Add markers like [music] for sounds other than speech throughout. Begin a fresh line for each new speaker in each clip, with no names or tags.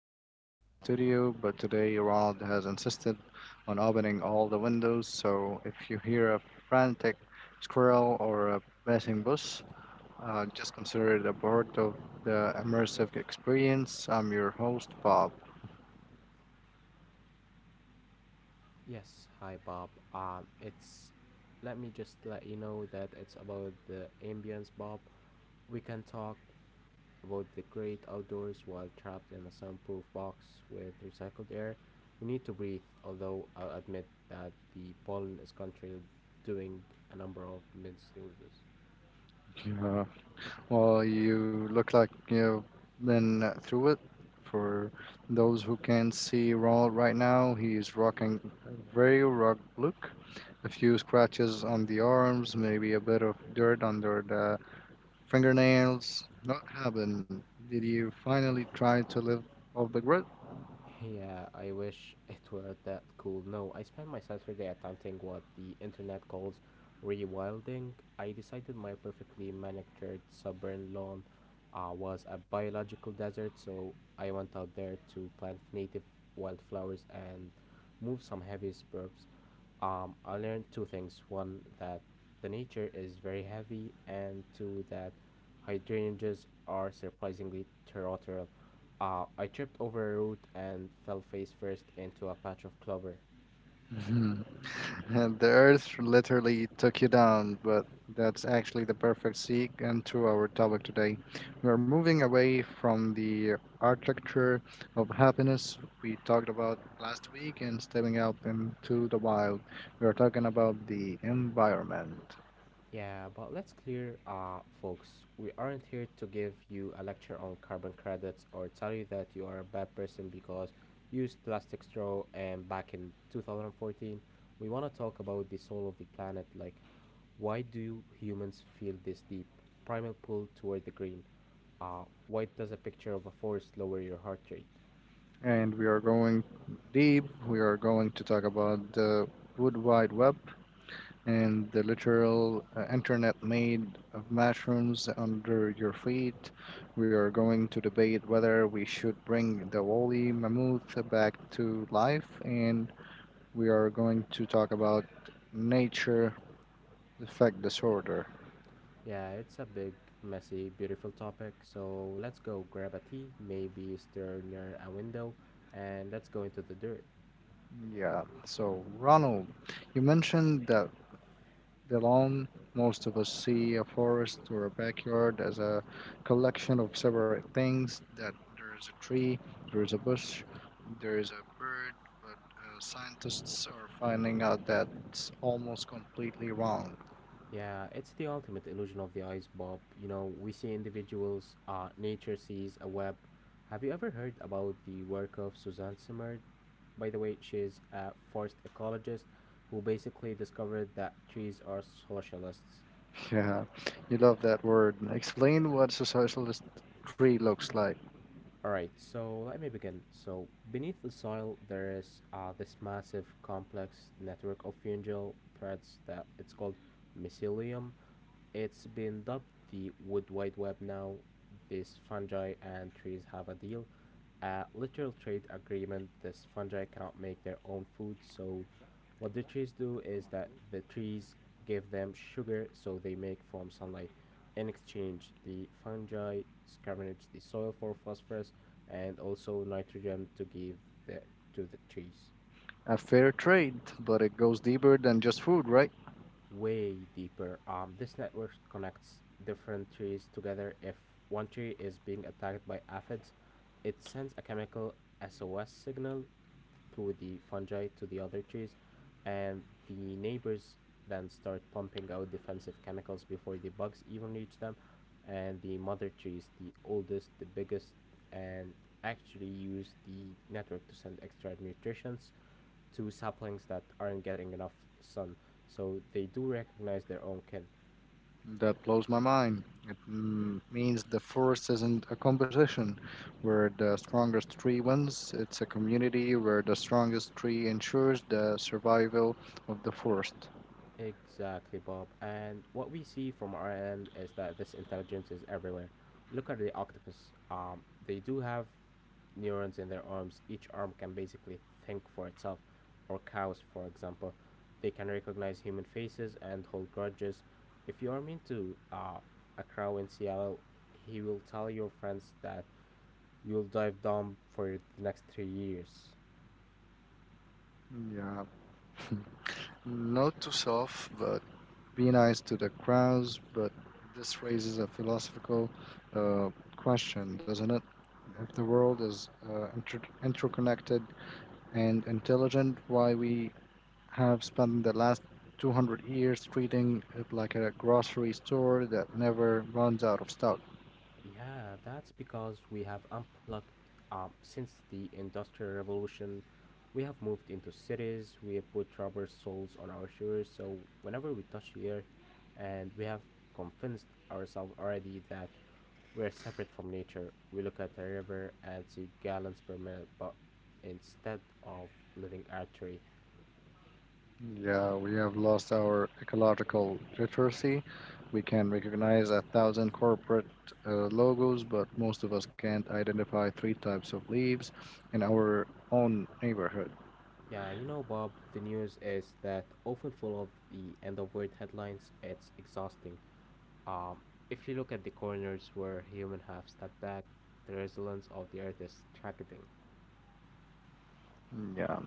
I say studio, but today Ronald has insisted on opening all the windows, so if you hear a frantic squirrel or a passing bus, just consider it a part of the immersive experience. I'm your host, Bob.
Yes, hi Bob. It's let me just let you know that it's about the ambience, Bob. We can talk about the great outdoors while trapped in a soundproof box with recycled air. We need to breathe, although I'll admit that the pollen is currently doing a number of mid snoozes.
Yeah. Well, you look like you've been through it. For those who can't see Ronald right now, he is rocking a very rugged look. A few scratches on the arms, maybe a bit of dirt under the fingernails. What happened? Did you finally try to live off the grid?
Yeah, I wish it were that cool. No, I spent my Saturday attempting what the internet calls rewilding. I decided my perfectly manicured suburban lawn was a biological desert, so I went out there to plant native wildflowers and move some heavy suburbs. I learned two things. One, that the nature is very heavy, and two, that hydrangeas are surprisingly territorial. I tripped over a root and fell face first into a patch of clover.
[laughs] [laughs] And the earth literally took you down, but that's actually the perfect segue into our topic today. We're moving away from the architecture of happiness we talked about last week and stepping out into the wild. We're talking about the environment.
Yeah, but let's clear, folks. We aren't here to give you a lecture on carbon credits or tell you that you are a bad person because you used plastic straw. And back in 2014, we want to talk about the soul of the planet, like why do humans feel this deep primal pull toward the green? Why does a picture of a forest lower your heart rate?
And we are going deep. We are going to talk about the Wood Wide Web, and the literal internet made of mushrooms under your feet. We are going to debate whether we should bring the woolly mammoth back to life, and we are going to talk about nature effect disorder.
Yeah, it's a big, messy, beautiful topic, so let's go grab a tea, maybe stir near a window, and let's go into the dirt.
Yeah, so Ronald, you mentioned that the lawn, most of us see a forest or a backyard as a collection of separate things, that there is a tree, there is a bush, there is a bird, but scientists are finding out that's almost completely wrong. [laughs]
Yeah, it's the ultimate illusion of the eyes, Bob. You know, we see individuals, nature sees a web. Have you ever heard about the work of Suzanne Simard? By the way, she's a forest ecologist who basically discovered that trees are socialists.
Yeah, you love that word. Explain what a socialist tree looks like.
Alright, so let me begin. So, beneath the soil, there is this massive complex network of fungal threads that it's called mycelium. It's been dubbed the Wood Wide Web now. These fungi and trees have a deal, a literal trade agreement. This fungi cannot make their own food, so what the trees do is that the trees give them sugar, so they make from sunlight. In exchange, the fungi scavenge the soil for phosphorus and also nitrogen to give the to the trees.
A fair trade, but it goes deeper than just food, right?
Way deeper. This network connects different trees together. If one tree is being attacked by aphids, it sends a chemical SOS signal through the fungi to the other trees, and the neighbors then start pumping out defensive chemicals before the bugs even reach them. And the mother trees, the oldest, the biggest, and actually use the network to send extra nutrients to saplings that aren't getting enough sun. So they do recognize their own kin.
That blows my mind. It means the forest isn't a competition where the strongest tree wins, it's a community where the strongest tree ensures the survival of the forest.
Exactly, Bob. And what we see from our end is that this intelligence is everywhere. Look at the octopus. They do have neurons in their arms. Each arm can basically think for itself, or cows, for example. They can recognize human faces and hold grudges. If you are mean to a crow in Seattle, he will tell your friends that you'll dive dumb for the next 3 years.
Yeah, note to self, but be nice to the crows, but this raises a philosophical uh, question, doesn't it? If the world is interconnected and intelligent, why we have spent the last 200 years treating it like a grocery store that never runs out of stock.
Yeah, that's because we have unplugged since the Industrial Revolution. We have moved into cities, we have put rubber soles on our shoes, so whenever we touch the earth, and we have convinced ourselves already that we're separate from nature. We look at a river and see gallons per minute, but instead of living artery.
Yeah, we have lost our ecological literacy. We can recognize a thousand corporate logos, but most of us can't identify three types of leaves in our own neighborhood.
Yeah, you know, Bob, the news is that often full of the end of world headlines. It's exhausting. Um, if you look at the corners where humans have stepped back, the resilience of the earth is tragedy.
Yeah.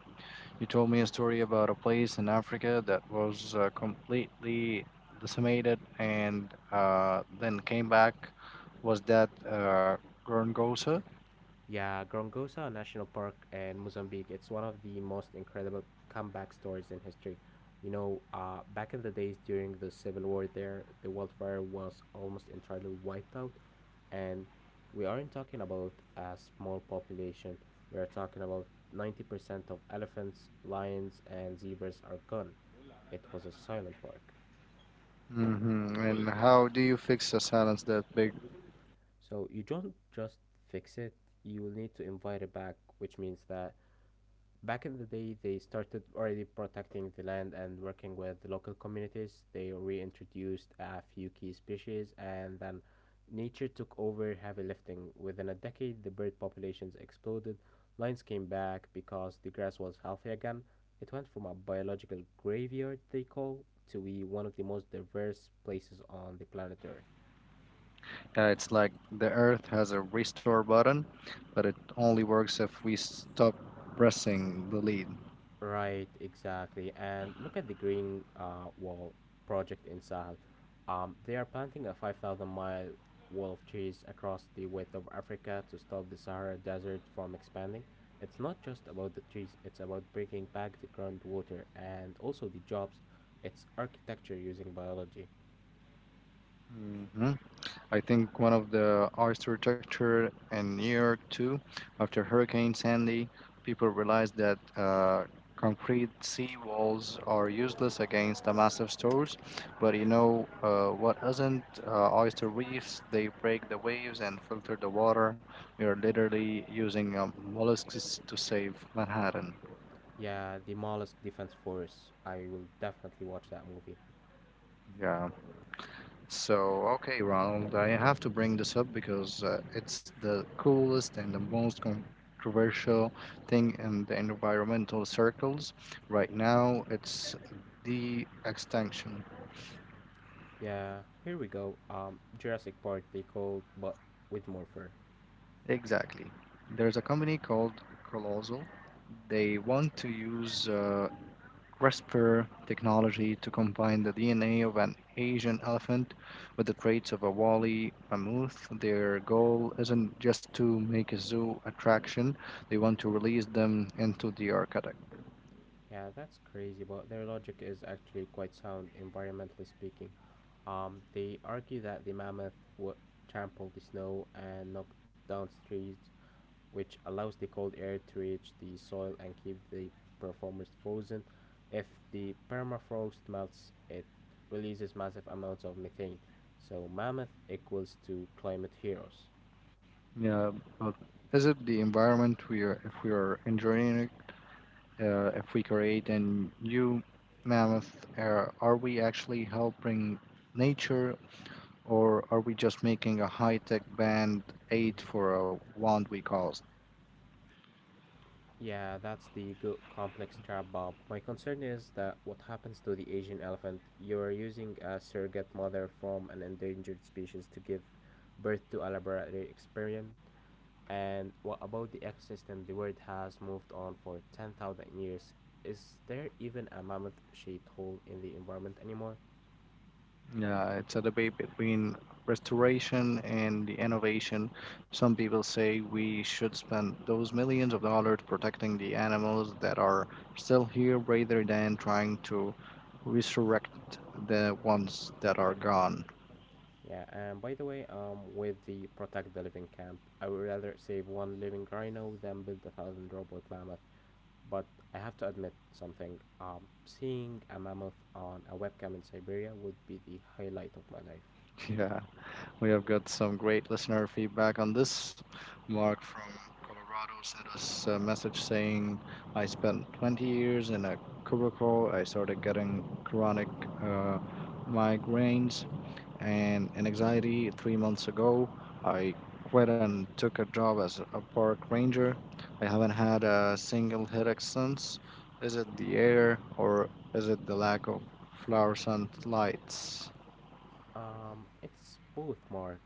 You told me a story about a place in Africa that was completely decimated and then came back. Was that Gorongosa?
Yeah, Grongosa National Park in Mozambique, it's one of the most incredible comeback stories in history. You know, back in the days during the civil war there, the wildfire was almost entirely wiped out, and we aren't talking about a small population. We are talking about 90% of elephants, lions, and zebras are gone. It was a silent park.
Hmm. And how do you fix a silence that big?
So you don't just fix it, you will need to invite it back, which means that back in the day they started already protecting the land and working with the local communities. They reintroduced a few key species and then nature took over heavy lifting. Within a decade, the bird populations exploded. Lions came back because the grass was healthy again. It went from a biological graveyard, they call, to be one of the most diverse places on the planet Earth.
It's like the earth has a restore button, but it only works if we stop pressing the lead.
Right, exactly. And look at the Green Wall project in Sahel. They are planting a 5,000 mile wall of trees across the width of Africa to stop the Sahara Desert from expanding. It's not just about the trees, it's about bringing back the groundwater and also the jobs. It's architecture using biology.
Hmm. I think one of the architecture in New York too, after Hurricane Sandy, people realized that concrete sea walls are useless against the massive storms. But you know what isn't? Oyster reefs, they break the waves and filter the water. You're literally using mollusks to save Manhattan.
Yeah, the Mollusk Defense Force. I will definitely watch that movie.
Yeah. So, okay, Ronald, I have to bring this up because it's the coolest and the most controversial thing in the environmental circles. Right now, it's the extinction.
Yeah, here we go. Jurassic Park, they called, but with more fur.
Exactly. There's a company called Colossal. They want to use CRISPR technology to combine the DNA of an Asian elephant with the traits of a woolly mammoth. Their goal isn't just to make a zoo attraction, they want to release them into the arctic.
Yeah, that's crazy, but their logic is actually quite sound, environmentally speaking. They argue that the mammoth would trample the snow and knock down trees, which allows the cold air to reach the soil and keep the performers frozen. If the permafrost melts, it releases massive amounts of methane. So, mammoth equals to climate heroes.
Yeah, but is it the environment we are, if we are enjoying it, if we create a new mammoth, are we actually helping nature or are we just making a high tech band aid
Mhm.
for a wand we call?
Yeah, that's the complex trap, Bob. My concern is that what happens to the Asian elephant? You are using a surrogate mother from an endangered species to give birth to a laboratory experiment. And what about the ecosystem? The world has moved on for 10,000 years. Is there even a mammoth shaped hole in the environment anymore?
Yeah, it's a debate between restoration and the innovation. Some people say we should spend those millions of dollars protecting the animals that are still here rather than trying to resurrect the ones that are gone. [laughs]
Yeah, and by the way, with the Protect the Living camp, I would rather save one living rhino than build a thousand robot mammoths. But I have to admit something. Seeing a mammoth on a webcam in Siberia would be the highlight of my life.
Yeah, we have got some great listener feedback on this. Mark from Colorado sent us a message saying, I spent 20 years in a cubicle. I started getting chronic uh, migraines and in anxiety 3 months ago. I quit and took a job as a park ranger. I haven't had a single headache since. Is it the air, or is it the lack of fluorescent lights?
It's both, Mark.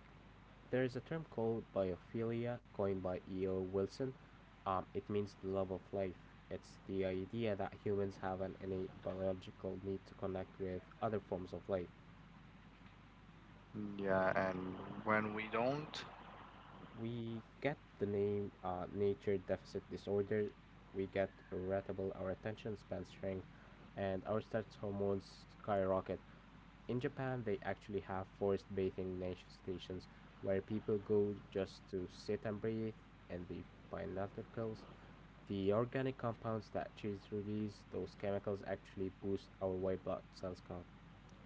There is a term called biophilia coined by E.O. Wilson. It means the love of life. It's the idea that humans have an innate biological need to connect with other forms of life.
Yeah, and when we don't.
We get the name nature deficit disorder, we get irritable, our attention spans shrink, and our stress hormones skyrocket. In Japan, they actually have forest bathing nature stations where people go just to sit and breathe and the binoculars. The organic compounds that trees release, those chemicals actually boost our white blood cells count.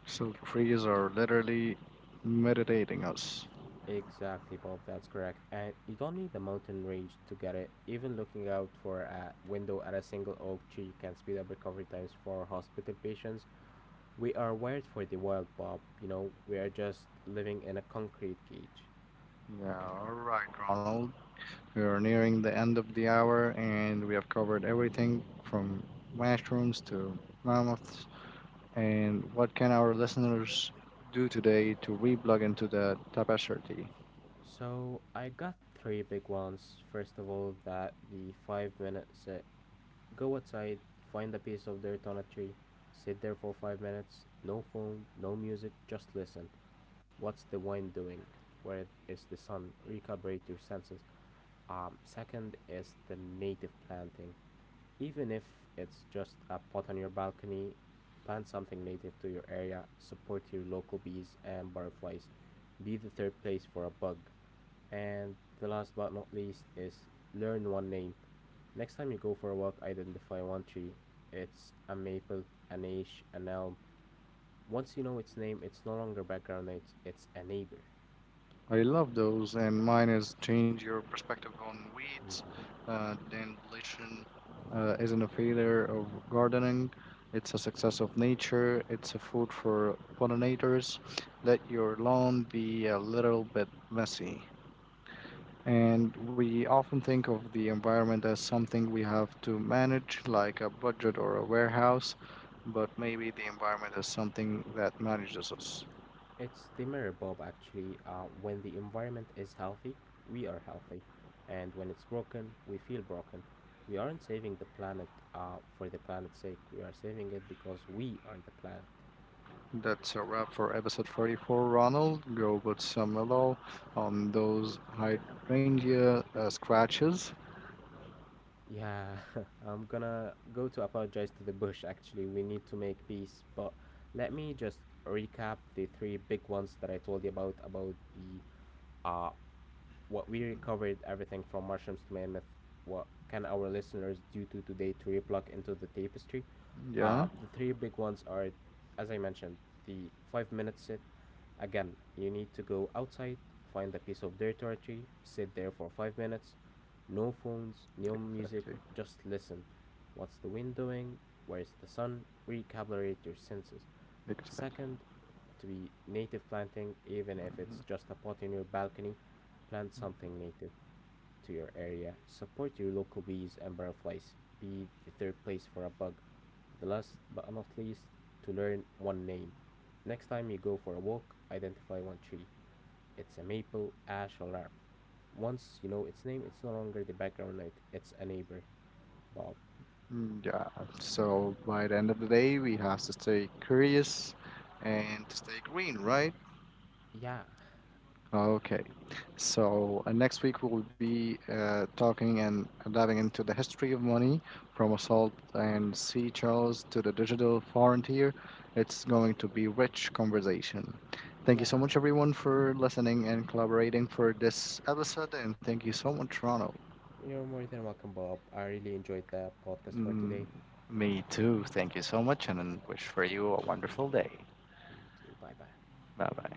So trees are literally meditating us.
Exactly, Bob. That's correct. And you don't need a mountain range to get it. Even looking out for a window at a single oak tree can speed up recovery times for hospital patients. We are wired for the wild, Bob. You know, we are just living in a concrete cage.
Yeah, all right, Ronald, we are nearing the end of the hour and we have covered everything from mushrooms to mammoths. And what can our listeners do today to reblog into the tapestry?
So I got three big ones. First of all, that the 5 minute set. Go outside, find a piece of dirt on a tree, sit there for 5 minutes. No phone, no music, just listen. What's the wind doing? Where is the sun? Recalibrate your senses. Second is the native planting. Even if it's just a pot on your balcony, plant something native to your area, support your local bees and butterflies, be the third place for a bug. And the last but not least is learn one name. Next time you go for a walk, identify one tree. It's a maple, an ash, an elm. Once you know its name, it's no longer background noise, it's a neighbor.
I love those, and mine is change your perspective on weeds,
Hmm.
then deletion isn't a failure of gardening. It's a success of nature. It's a food for pollinators. Let your lawn be a little bit messy. And we often think of the environment as something we have to manage, like a budget or a warehouse, but maybe the environment is something that manages us.
It's the mirror, Bob, actually. When the environment is healthy, we are healthy. And when it's broken, we feel broken. We aren't saving the planet for the planet's sake. We are saving it because we are the planet.
That's a wrap for episode 44, Ronald. Go put some mellow on those hydrangea scratches.
Yeah, [laughs] I'm gonna go to apologize to the bush, actually. We need to make peace. But let me just recap the three big ones that I told you about the uh, what we recovered everything from mushrooms to mammoth. What can our listeners do to today to replug into the tapestry?
Yeah,
The three big ones are, as I mentioned, the 5 minute sit. Again, you need to go outside, find a piece of dirt or a tree, sit there for 5 minutes. No phones, no music,
exactly.
just listen. What's the wind doing? Where's the sun? Recalibrate your senses.
Exactly.
Second, to be native planting, even if it's just a pot in your balcony, plant something native to your area. Support your local bees and butterflies. Be the third place for a bug. The last but not least, to learn one name. Next time you go for a walk, identify one tree. It's a maple, ash, or elm. Once you know its name, it's no longer the background noise, it's a neighbor, Bob.
Mhm. Yeah, so by the end of the day, we have to stay curious and to stay green, right?
Yeah,
Okay. So next week we will be talking and diving into the history of money from assault and sea Charles to the digital frontier. It's going to be rich conversation. Thank you
yeah.
so much everyone for listening and collaborating for this episode, and thank you so much Ronald.
You're more than welcome, Bob. I really enjoyed the podcast for
Mm,
today.
me too. Thank you so much and wish for you a
It
wonderful day.
You too. Bye bye.
Bye bye.